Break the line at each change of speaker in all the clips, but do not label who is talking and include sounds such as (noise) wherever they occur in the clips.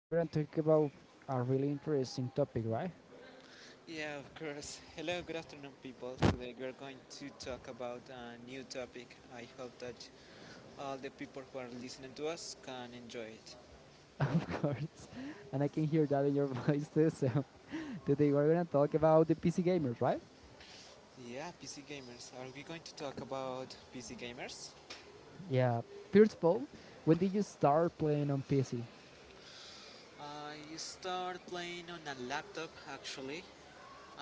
we're going to talk about a really interesting topic, right?
Yeah, of course. Hello, good afternoon, people. Today we are going to talk about a new topic. I hope that all the people who are listening to us can enjoy it.
(laughs) Of course. And I can hear that in your (laughs) voice too. So, (laughs) today, we're going to talk about the PC gamers, right?
Yeah, PC gamers. Are we going to talk about PC gamers?
Yeah. First of all, when did you start playing on PC?
I started playing on a laptop actually.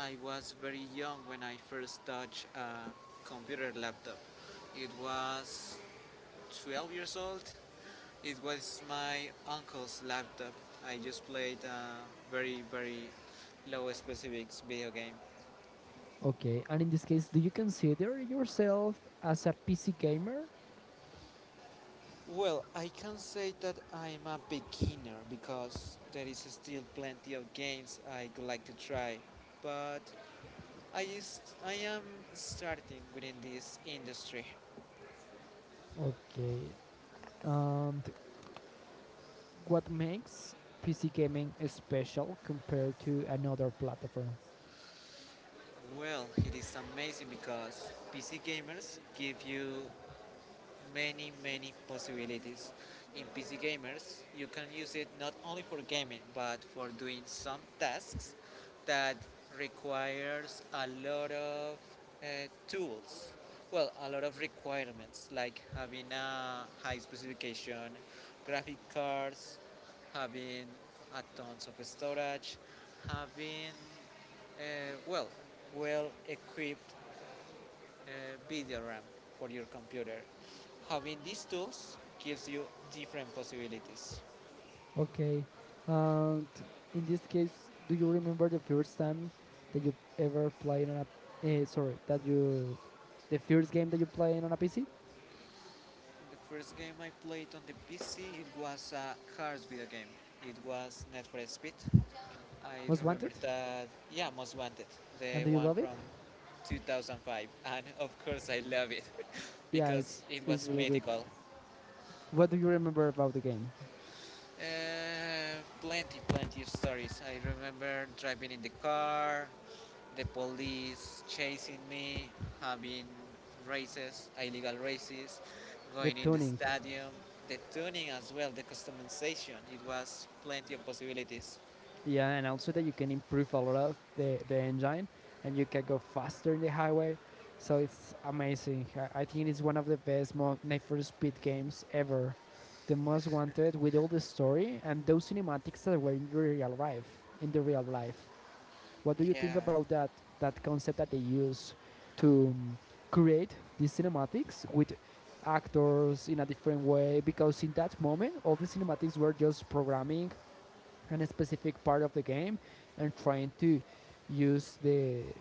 I was very young when I first touched a computer laptop. It was 12 years old. It was my uncle's laptop. I just played a very, very low specifics video game.
Okay. And in this case, do you consider yourself as a PC gamer?
Well, I can say that I'm a beginner because there is still plenty of games I would like to try, but I am starting within this industry.
Okay. And what makes PC gaming special compared to another platform?
Well, it is amazing because PC gamers give you many possibilities in PC gamers. You can use it not only for gaming but for doing some tasks that requires a lot of uh, tools. Well, a lot of requirements like having a high specification, graphic cards, having a tons of storage, having uh, well well equipped video RAM for your computer. Having these tools gives you different possibilities.
Okay. And in this case, do you remember the first time that you ever played on a? Sorry, the first game that you played on a PC,
The first game I played on the PC, it was a cars video game. It was Need for Speed. I
Most Wanted,
remember that, yeah, Most Wanted,
and do
the
you love
one
it?
from 2005, and of course I love it (laughs)
Yeah, it's
because it
it's
was
really good.
mythical.
What do you remember about the game?
Uh, Plenty of stories. I remember driving in the car, the police chasing me, having races, illegal races,
The
going in the
tuning.
stadium, the tuning as well, the customization. It was plenty of possibilities.
Yeah, and also that you can improve a lot of the engine, and you can go faster in the highway. So it's amazing. I think it's one of the best Need for Speed games ever. The most wanted, with all the story and those cinematics that were in the real life. In the real life, what do you think
Yeah,
about that concept that they use to create these cinematics with actors in a different way? Because in that moment, all the cinematics were just programming in a specific part of the game and trying to use the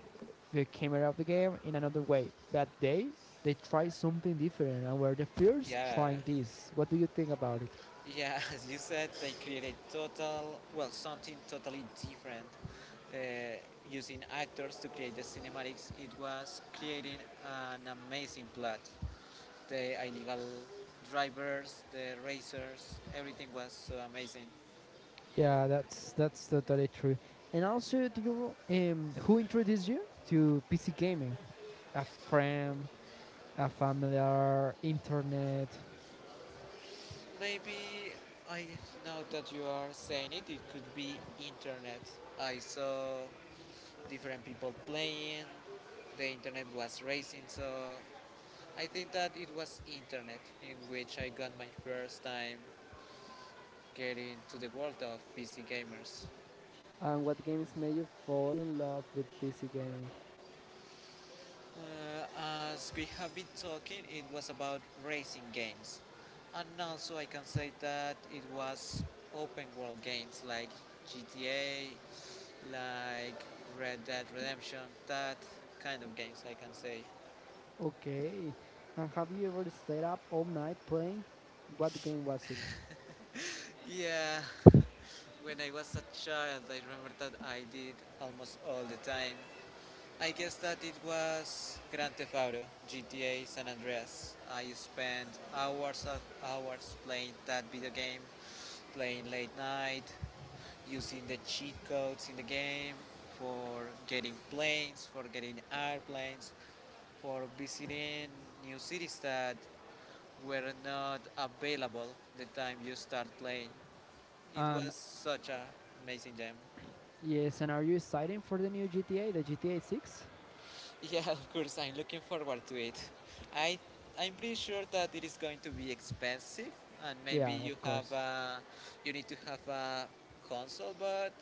the camera of the game in another way. But they try something different and were the first
yeah.
trying this. What do you think about it?
Yeah, (laughs) as you said, they created total, well, something totally different. Uh, Using actors to create the cinematics, it was creating an amazing plot. The illegal drivers, the racers, everything was so amazing.
Yeah, that's totally true. And also, do you who introduced you to PC gaming? A friend, a familiar, internet.
Maybe I Now that you are saying it, it could be internet. I saw different people playing. The internet was racing, so I think that it was internet in which I got my first time getting to the world of PC gamers.
And what games made you fall in love with PC gaming?
Uh, as we have been talking, it was about racing games, and also I can say that it was open world games like GTA, like Red Dead Redemption, that kind of games, I can say.
Okay. And have you ever stayed up all night playing? What game was it?
Yeah, when I was a child, I remember that I did almost all the time. I guess that it was Grand Theft Auto, GTA San Andreas. I spent hours of hours playing that video game, playing late night, using the cheat codes in the game for getting planes, for getting airplanes, for visiting new cities that were not available the time you start playing. It
And
was such an amazing jam.
yes, and are you excited for the new GTA, the GTA 6?
(laughs) Yeah, of course, I'm looking forward to it. I I'm pretty sure that it is going to be expensive, and
Yeah,
maybe
of
you have
course.
a you need to have a console, but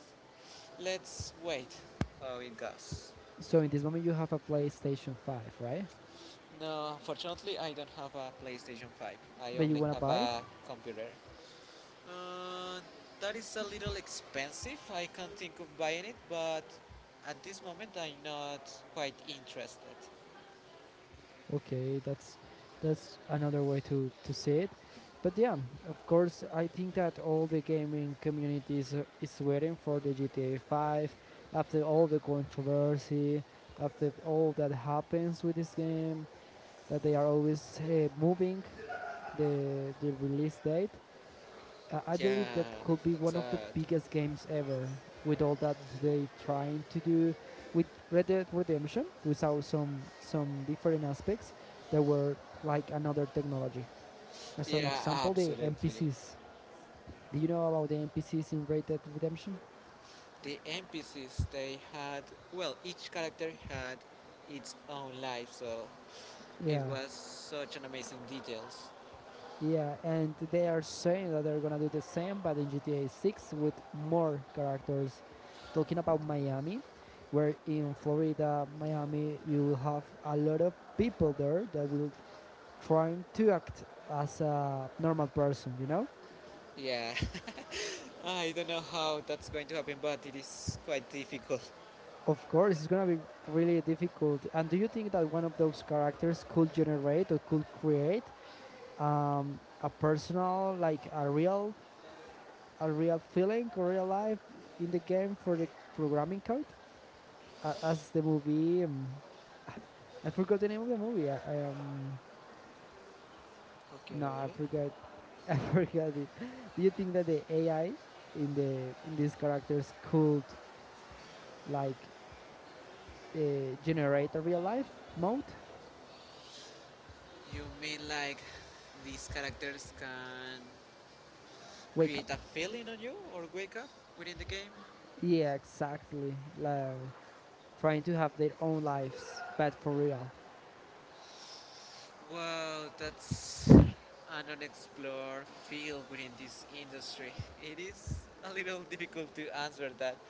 let's wait how it goes.
So in this moment you have a PlayStation 5, right?
No, unfortunately, I don't have a PlayStation 5. I
But you
only
want to
have
buy it?
a computer. Uh, that is a little expensive. I can't think of buying it, but at this moment, I'm not quite interested.
Okay, that's another way to see it. But yeah, of course, I think that all the gaming community is waiting for the GTA 5 after all the controversy, after all that happens with this game, that they are always moving the release date. I believe that
Yeah,
could be
that's
one of the
sad.
biggest games ever, with all that they trying to do with Red Dead Redemption. We saw some different aspects that were like another technology. As an
Yeah,
example, the
absolutely.
NPCs. Do you know about the NPCs in Red Dead Redemption?
The NPCs, they had well, each character had its own life, so it
Yeah,
was such an amazing details.
yeah, and they are saying that they're gonna do the same, but in GTA 6 with more characters. Talking about Miami, where in Florida, Miami, you will have a lot of people there that will try to act as a normal person, you know?
Yeah, (laughs) I don't know how that's going to happen, but it is quite difficult.
Of course, it's gonna be really difficult. And do you think that one of those characters could generate or could create a personal, like a real feeling or real life in the game for the programming code? As the movie. I forgot the name of the movie. I no, I
Okay.
forgot. (laughs) I forgot it. Do you think that the AI in these characters could like generate a real life mode?
You mean like these characters can
Wake up.
create a feeling on you or wake up within the game?
Yeah, exactly. Like trying to have their own lives, but for real.
Wow, that's an unexplored field within this industry. It is a little difficult to answer that,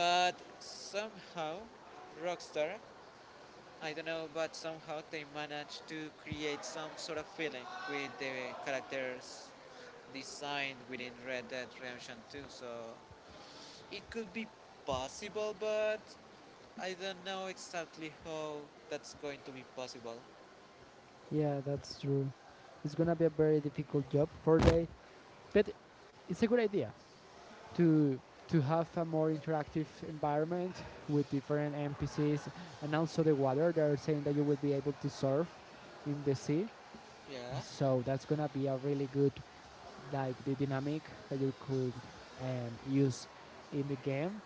but somehow, Rockstar, I don't know, but somehow they managed to create some sort of feeling with the characters designed within Red Dead Redemption 2. So it could be possible, but I don't know exactly how that's going to be possible.
Yeah, that's true. It's gonna be a very difficult job for they, but it's a good idea to to have a more interactive environment with different NPCs, and also the water. They're saying that you will be able to surf in the sea,
Yeah.
so that's gonna be a really good, like the dynamic that you could use in the game.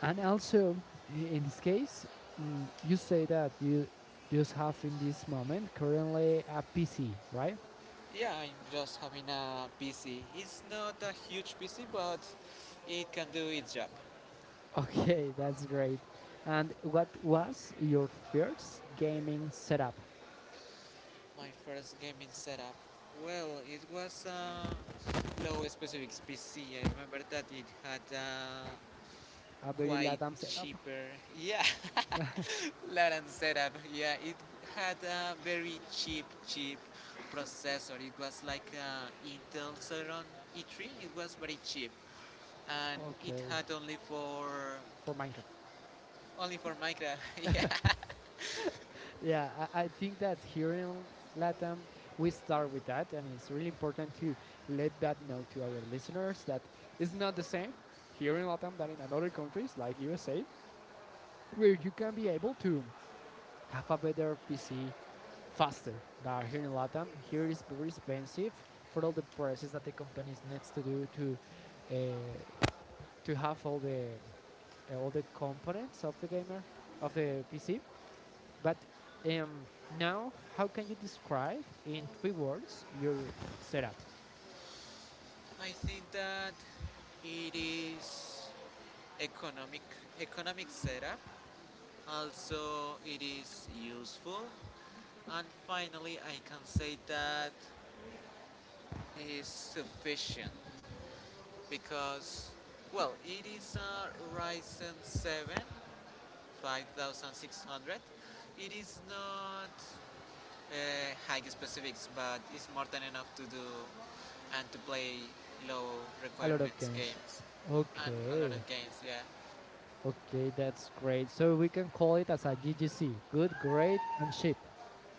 And also, in this case, you say that you just have in this moment currently a PC, right?
Yeah, I'm just having a PC. It's not a huge PC, but it can do its job.
(laughs) Okay, that's great. And what was your first gaming setup?
My first gaming setup. Well, it was a low specifics PC. I remember that it had a
Very
quite
Latam setup.
cheaper, yeah, (laughs) Latin setup. Yeah, it had a very cheap processor. It was like a Intel Celeron E3. It was very cheap, and it
Okay,
had only for
for Minecraft.
only for Minecraft, (laughs) yeah.
Yeah, I think that here in Latam, we start with that, and it's really important to let that know to our listeners that it's not the same here in Latam than in other countries like USA, where you can be able to have a better PC faster than here in Latam. Here is very expensive for all the process that the companies needs to do uh, to have all the components of the gamer of the PC. But now, how can you describe in three words your setup?
I think that it is economic economic setup. Also, it is useful, and finally, I can say that it is sufficient because, well, it is a Ryzen 7 5600. It is not high specifics, but it's more than enough to do and to play low
A lot of
requirements
games.
games and a lot of
Okay,
games. Yeah,
okay, that's great. So we can call it as a GGC, good, great, and cheap.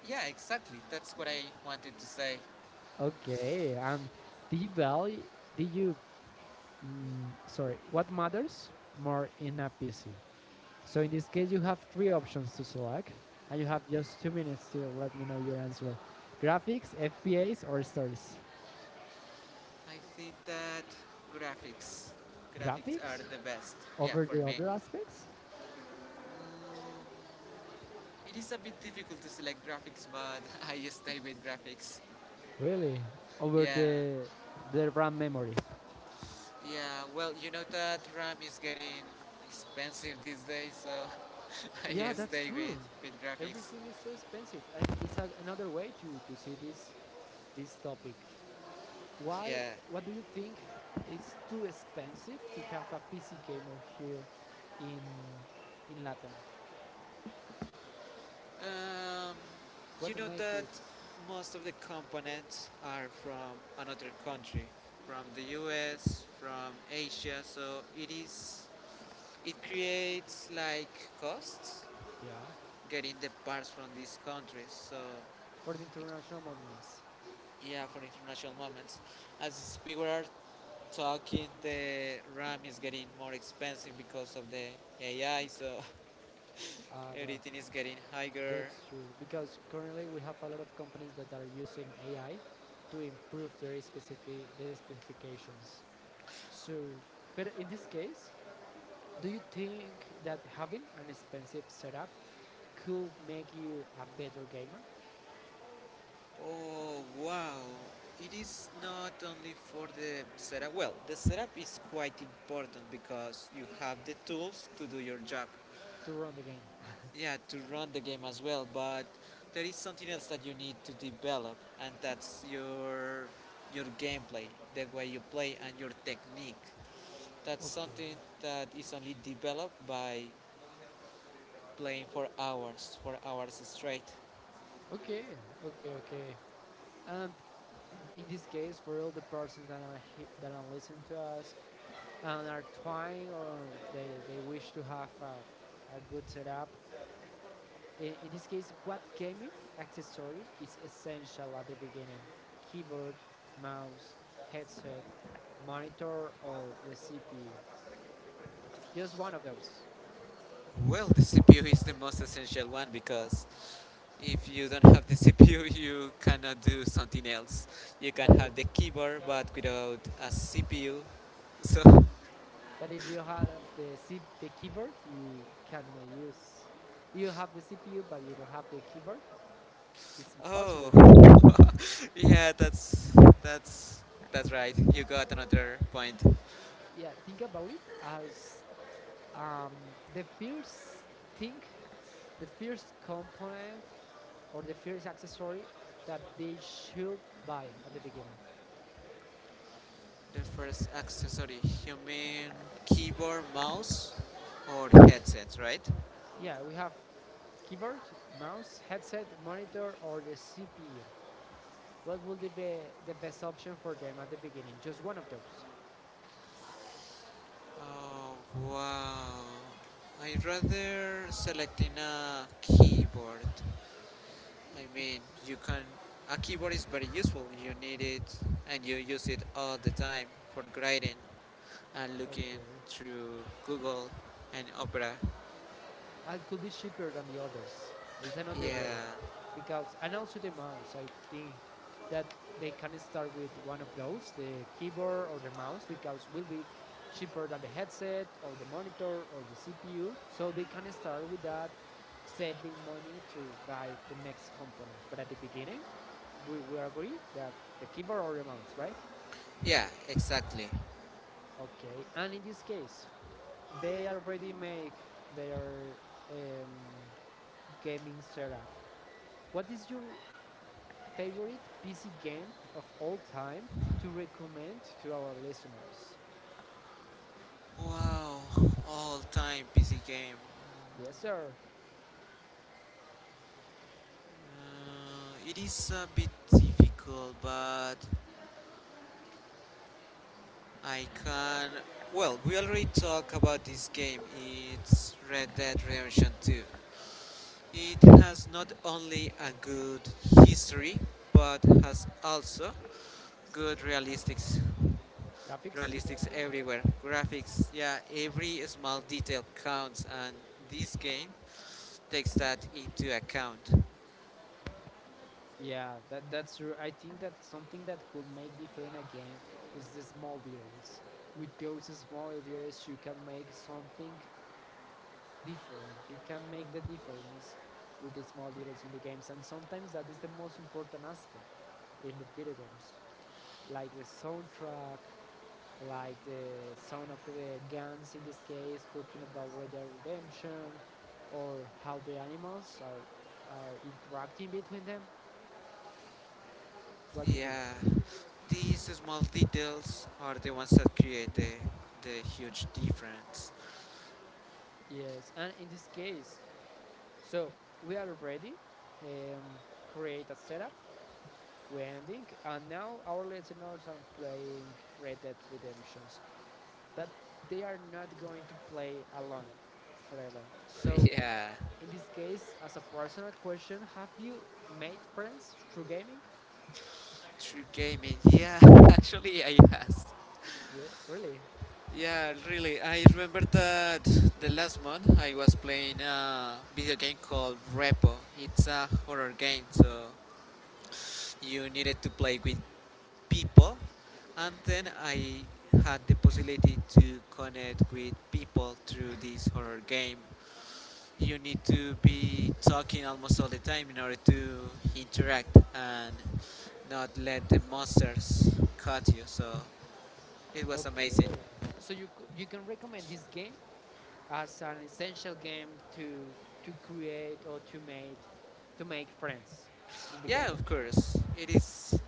yeah, exactly. That's what I wanted to say.
Okay, and did you value, did you, mm, sorry, what matters more in a PC? So in this case, you have three options to select, and you have just 2 minutes to let me know your answer. Graphics, FPS, or stories?
I think that graphics, graphics are
Graphics?
the best. Yeah,
Over
for
the
me.
other aspects.
Mm, it is a bit difficult to select graphics, but (laughs) I stay with graphics.
Really? Over
Yeah,
the RAM memory.
yeah. Well, you know that RAM is getting expensive these days, so (laughs) I
Yeah, that's
stay
true.
with graphics.
Everything is so expensive, and it's a, another way to see this topic. Why?
Yeah.
What do you think? It's too expensive to have a PC gamer here in in Latam.
Um, you
What
know
make
that
it?
most of the components are from another country, from the US, from Asia, so it is it creates like costs
Yeah,
getting the parts from these countries. So
for the international moments.
yeah, for international moments. As we were talking, the RAM is getting more expensive because of the AI, so (laughs)
Well,
everything is getting higher.
that's true, because currently we have a lot of companies that are using AI to improve their specifications. So, but in this case, do you think that having an expensive setup could make you a better gamer
Oh wow! It is not only for the setup. Well, the setup is quite important because you have the tools to do your job.
to run the game?
Yeah, to run the game as well, but there is something else that you need to develop, and that's your gameplay, the way you play and your technique. That's
Okay,
something that is only developed by playing for hours straight.
okay, okay, okay. And in this case, for all the persons that are listening to us and are trying, or they wish to have a good setup, In this case, what gaming accessory is essential at the beginning? Keyboard, mouse, headset, monitor, or the CPU? Just one of those.
Well, the CPU is the most essential one because if you don't have the (laughs) CPU, you cannot do something else. You can have
But
the keyboard, but without a CPU. So,
if you have the keyboard, you cannot use. You have the CPU, but you don't have the keyboard. It's impossible to get.
oh, (laughs) yeah, that's that's right. You got another point. The
Yeah, think about it as Um, the first thing, the first component, or the first accessory that they should buy at the beginning.
first accessory, you mean keyboard, mouse, or headsets, right?
Yeah, we have keyboard, mouse, headset, monitor, or the CPU. What would be the best option for them at the beginning? Just one of those.
Oh wow! I'd rather selecting a keyboard. I mean, you can. A keyboard is very useful. You need it, and you use it all the time for grading and looking
Okay.
through Google and Opera.
And could be cheaper than the others. It's another way.
Yeah,
Because, and also the mouse. I think that they can start with one of those, the keyboard or the mouse, because will be cheaper than the headset or the monitor or the CPU. So they can start with that, saving money to buy the next components. But at the beginning, we agree that the keyboard or the mouse, right?
yeah, exactly.
Okay. And in this case, they already make their um, gaming setup. What is your favorite PC game of all time to recommend to our listeners?
Wow, all time PC game.
Yes, sir.
It is a bit difficult, but I can. Well, we already talked about this game. It's Red Dead Redemption 2. It has not only a good history, but has also good realistics.
Graphics.
Realistics everywhere. Graphics, yeah, every small detail counts, and this game takes that into account.
Yeah, that that's true. I think that something that could make different a game is the small details. With those small details, you can make something different. You can make the difference with the small details in the games, and sometimes that is the most important aspect in the video games, like the soundtrack, like the sound of the guns in this case, talking about Red Dead Redemption, or how the animals are interacting between them. What do you think?
Yeah, these small details are the ones that create the huge difference.
Yes, and in this case, so we are ready. Um, Create a setup. We ending, and now our listeners are playing Red Dead Redemptions, but they are not going to play alone forever.
(laughs)
So
Yeah,
in this case, as a personal question, have you made friends through gaming?
true gaming. Yeah, (laughs) actually, I has.
Yeah, really?
Yeah, really. I remember that the last month I was playing a video game called Repo. It's a horror game, so you needed to play with people, and then I had the possibility to connect with people through this horror game. You need to be talking almost all the time in order to interact and not let the monsters cut you. So it was
Okay.
amazing.
So you can recommend this game as an essential game to to create or to make friends in the
Yeah,
gaming.
of course. It is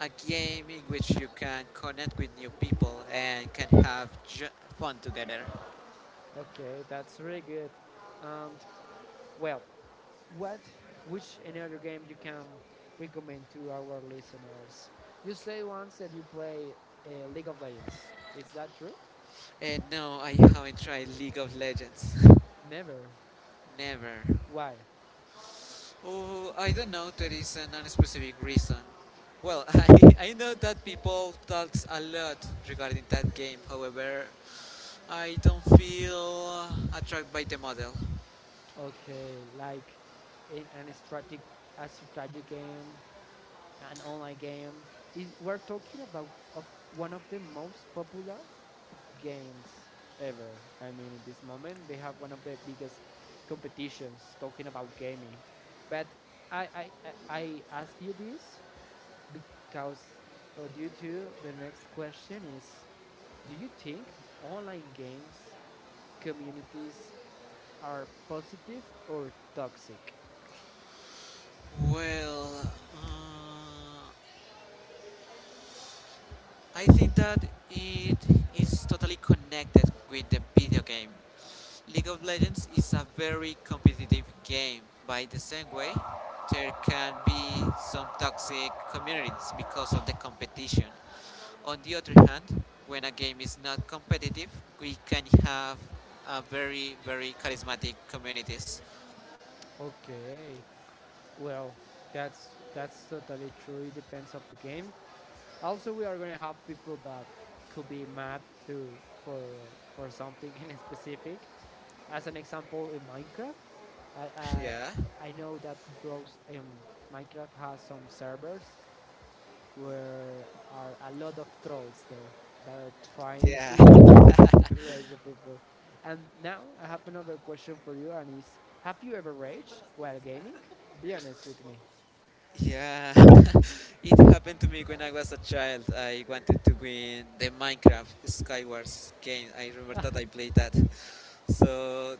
a game in which you can connect with new people and can have ju- fun together.
Okay, that's really good. And well, what which any other game you can recommend to our listeners? You say once that you play League of Legends. Is that true?
And no, I haven't tried League of Legends. (laughs)
Never.
Never.
Why?
Oh, I don't know. There is an unspecific reason. Well, (laughs) I know that people talks a lot regarding that game. However, I don't feel attracted by the model.
Okay, like in an strategic a strategy game, an online game. Is, we're talking about of one of the most popular games ever. I mean, in this moment, they have one of the biggest competitions talking about gaming. But I ask you this because due to the next question is: do you think online games communities are positive or toxic?
Well, uh, I think that it is totally connected with the video game. League of Legends is a very competitive game. By the same way, there can be some toxic communities because of the competition. On the other hand, when a game is not competitive, we can have a very, very charismatic communities.
Okay, well, that's totally true. It depends of the game. Also, we are going to have people that could be mad to for for something (laughs) in specific. As an example, in Minecraft, I I,
Yeah,
I know that those Minecraft has some servers where are a lot of trolls there that are trying
yeah.
to
(laughs)
(laughs) rage the people. And now I have another question for you, and is have you ever raged while gaming? Be honest with me.
Yeah, (laughs) it happened to me when I was a child. I wanted to win the Minecraft Skywars game. I remember that I played that. So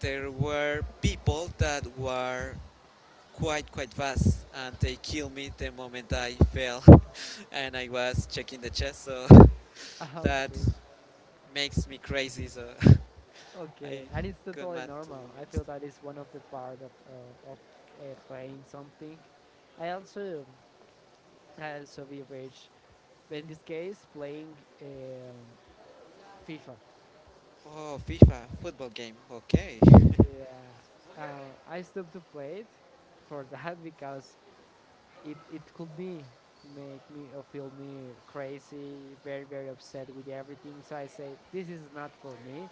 there were people that were quite fast, and they killed me the moment I fell, (laughs) and I was checking the chest. So
(laughs)
(laughs) that
Okay.
makes me crazy. So (laughs) I
Okay, and it's
got
totally
mad to the
normal. I feel
moment.
that is one of the part of playing something. I also I also be rich, but in this case, playing FIFA.
Oh, FIFA football game. Okay.
Yeah, I stopped to play it for (laughs) that because it could be make me or feel me crazy, very very upset with everything. So I say this is not for me.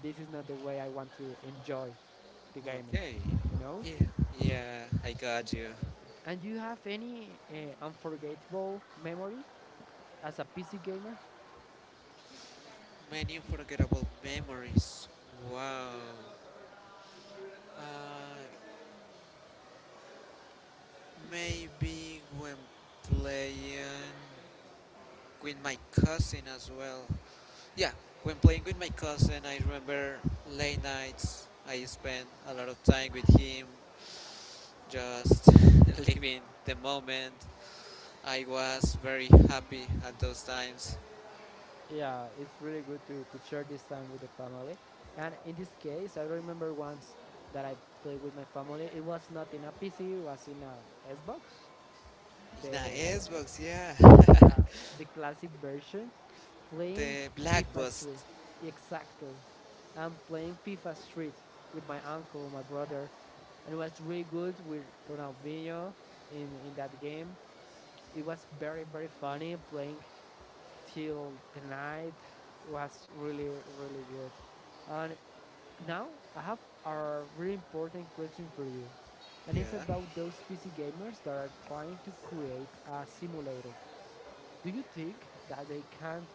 This is not the way I want to enjoy the gaming.
Okay.
You know.
Yeah, yeah, I got you.
And do you have any unforgettable memory as a PC gamer?
Many unforgettable memories. Wow. Uh, Maybe when playing with my cousin as well. Yeah, when playing with my cousin, I remember late nights. I spent a lot of time with him, just (laughs) living the moment. I was very happy at those times.
Yeah, it's really good to share this time with the family. And in this case, I remember once that I played with my family. It was not in a PC, it was in a Xbox,
In a
the
Xbox, yeah.
yeah, the classic version,
(laughs)
playing
The Black
FIFA
Bus.
Street. Exactly. I'm playing FIFA Street with my uncle, my brother, and it was really good with Ronaldinho in that game. It was very very funny playing till the night was really really good. And now I have a really important question for you, and it's
Yeah.
about those PC gamers that are trying to create a simulator. Do you think that they can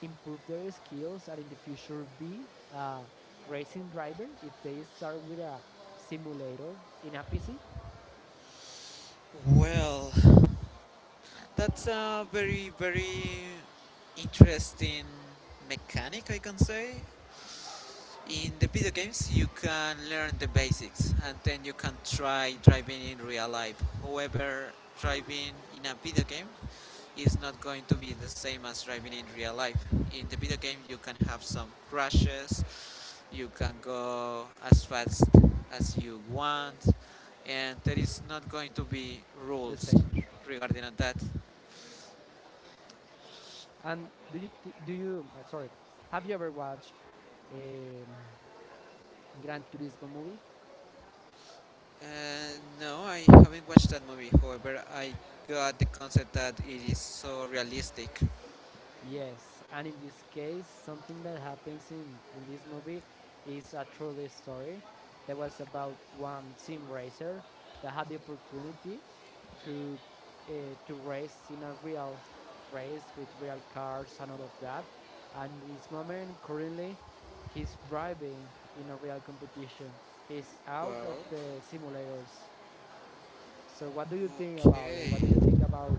improve their skills and in the future be a racing driver if they start with a simulator in a PC?
Well, that's a very, very interesting mechanic, I can say. In the video games, you can learn the basics and then you can try driving in real life. However, driving in a video game is not going to be the same as driving in real life. In the video game, you can have some crashes, you can go as fast as you want, and there is not going to be
The
rules
same.
regarding that.
And do you sorry, have you ever watched a Gran Turismo movie?
Uh, no, I haven't watched that movie. However, I got the concept that it is so realistic.
Yes, and in this case, something that happens in this movie is a truly story that was about one sim racer that had the opportunity to to race in a real race with real cars and all of that. And this moment, currently, he's driving in a real competition. He's out of
Well,
the simulators. So what do you think about it? What do you
okay.
think about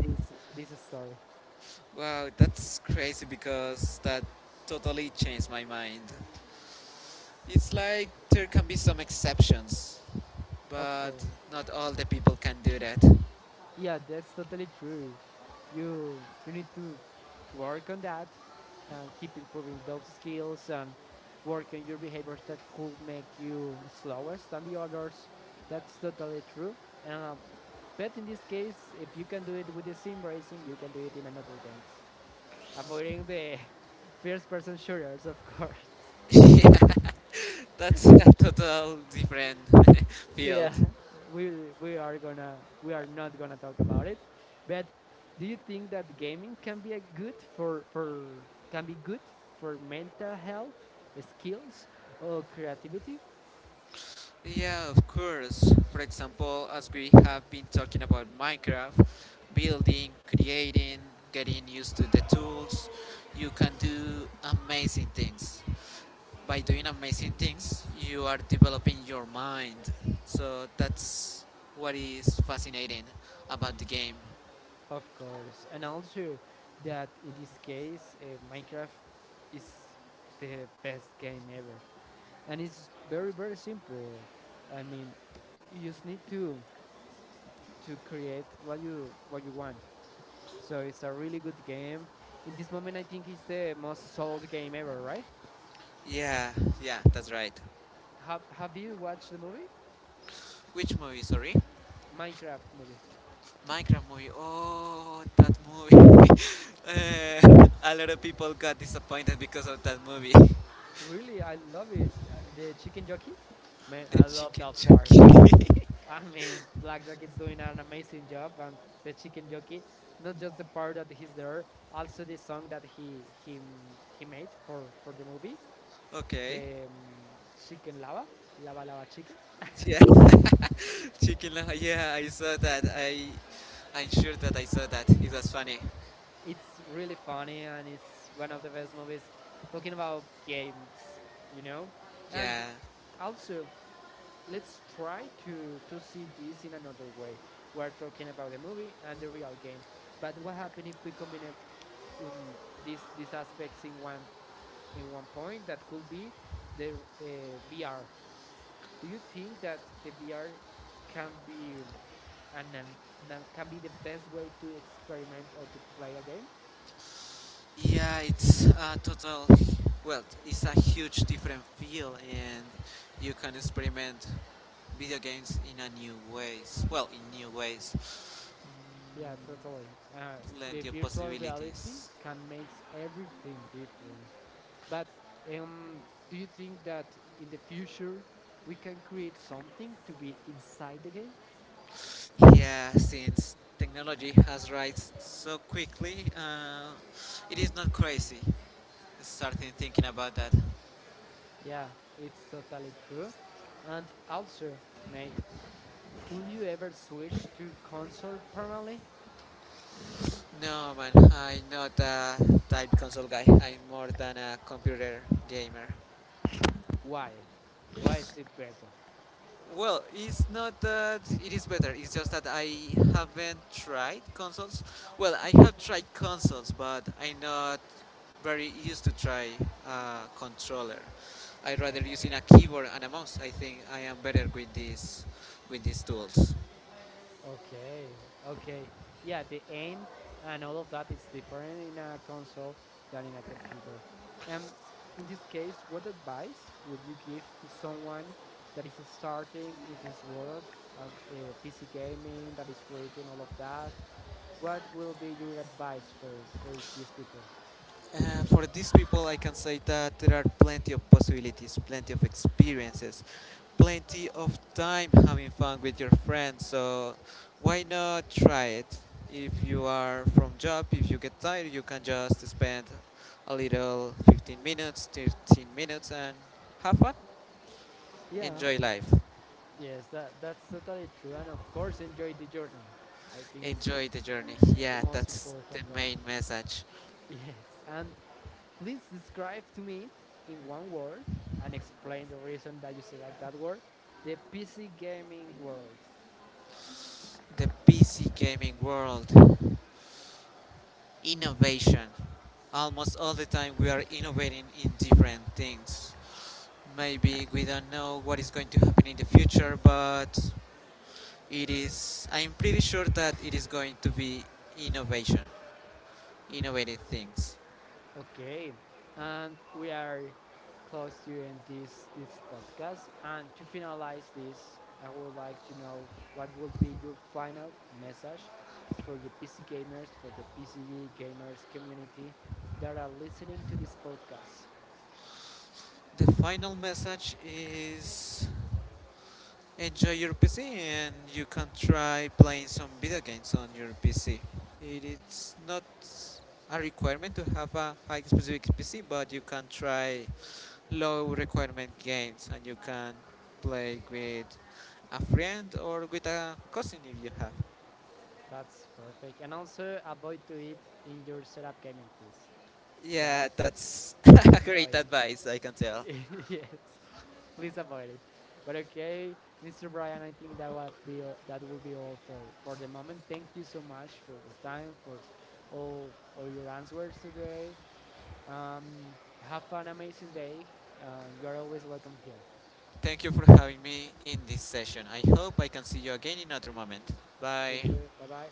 this this story?
Wow, that's crazy because that totally changed my mind. It's like there can be some exceptions,
Of
but
course.
not all the people can do that.
Yeah, that's totally true. You need to work on that and keep improving those skills and work on your behaviors that could make you slowest than the others. That's totally true. Um, but in this case, if you can do it with the sim racing, you can do it in another games. Avoiding the (laughs) first person shooters, of course.
(laughs) Yeah, that's a total different (laughs) field.
Yeah, we are not gonna talk about it. But do you think that gaming can be a good for can be good for mental health, skills, or creativity?
Yeah, of course. For example, as we have been talking about Minecraft, building, creating, getting used to the tools, you can do amazing things. By doing amazing things, you are developing your mind. So that's what is fascinating about the game.
Of course, and also that in this case, Minecraft is the best game ever, and it's very very simple. I mean, you just need to create what you want. So it's a really good game. In this moment, I think it's the most sold game ever, right?
Yeah, yeah, that's right.
Have you watched the movie?
Which movie? Sorry,
Minecraft movie.
Minecraft movie. Oh, that movie. (laughs) A lot of people got disappointed because of that movie. (laughs)
Really, I love it. The chicken jockey. Man,
The
I love
chicken
that part.
jockey.
(laughs) I mean, Black Jacket's doing an amazing job, and the chicken jockey. Not just the part that he's there, also the song that he made for the movie,
(laughs) Okay.
the chicken lava, lava lava chicken.
Yeah. (laughs) Chicken. Yeah, I saw that. I'm sure that I saw that. It was funny.
It's really funny and it's one of the best movies talking about games, you know? And
Yeah.
also, let's try to see this in another way. We're talking about the movie and the real game. But what happens if we combine um, these aspects in one point that could be the uh, VR? Do you think that the VR can be, an, can be the best way to experiment or to play a game?
Yeah, it's a total, well, it's a huge different feel, and you can experiment video games in a new ways. Well, in new ways,
Yeah, totally. Uh, the
Plenty of
virtual reality
possibilities.
can make everything different. But um, do you think that in the future we can create something to be inside the game?
Yeah, since technology has rise so quickly, it is not crazy starting thinking about that.
Yeah, it's totally true. And also, mate, would you ever switch to console permanently?
No, man, I'm not a type console guy. I'm more than a computer gamer.
Why? Why is it better?
Well, it's not that it is better. It's just that I haven't tried consoles. Well, I have tried consoles, but I'm not very used to try a controller. I rather using a keyboard and a mouse. I think I am better with these tools.
Okay, okay. Yeah, the aim and all of that is different in a console than in a computer. And in this case, what advice would you give to someone that is starting in this world of PC gaming, that is creating all of that? What will be your advice for these people?
For these people, I can say that there are plenty of possibilities, plenty of experiences, plenty of time having fun with your friends. So why not try it? If you are from job, if you get tired, you can just spend a little 15 minutes, 13 minutes, and have fun.
Yeah,
Enjoy life.
yes, that, that's totally true. And of course, enjoy the journey. I think it's
Enjoy the journey.
the
Yeah,
most
that's the
important part.
main
(laughs)
message.
Yes, and please describe to me in one word and explain the reason that you select that word the PC gaming world.
The PC gaming world. Innovation. Almost all the time we are innovating in different things. Maybe we don't know what is going to happen in the future, but it is I'm pretty sure that it is going to be innovation, innovative things.
Okay, and we are close to end this this podcast. And to finalize this, I would like to know what would be your final message for the PC gamers, for the PC gamers community that are listening to this podcast.
The final message is enjoy your PC and you can try playing some video games on your PC. It is not a requirement to have a high specific PC, but you can try low requirement games and you can play with a friend or with a cousin if you have.
That's perfect. And also avoid to eat in your setup gaming, please.
Yeah,
That's
that's (laughs) great
annoying.
advice, I can tell.
(laughs) Yes, please avoid it. But okay, Mr. Brian, I think that that will be all for the moment. Thank you so much for your time, for all your answers today. Um, have an amazing day. You are always welcome here.
Thank you for having me in this session. I hope I can see you again in another moment.
Thank
Bye.
you. Bye bye.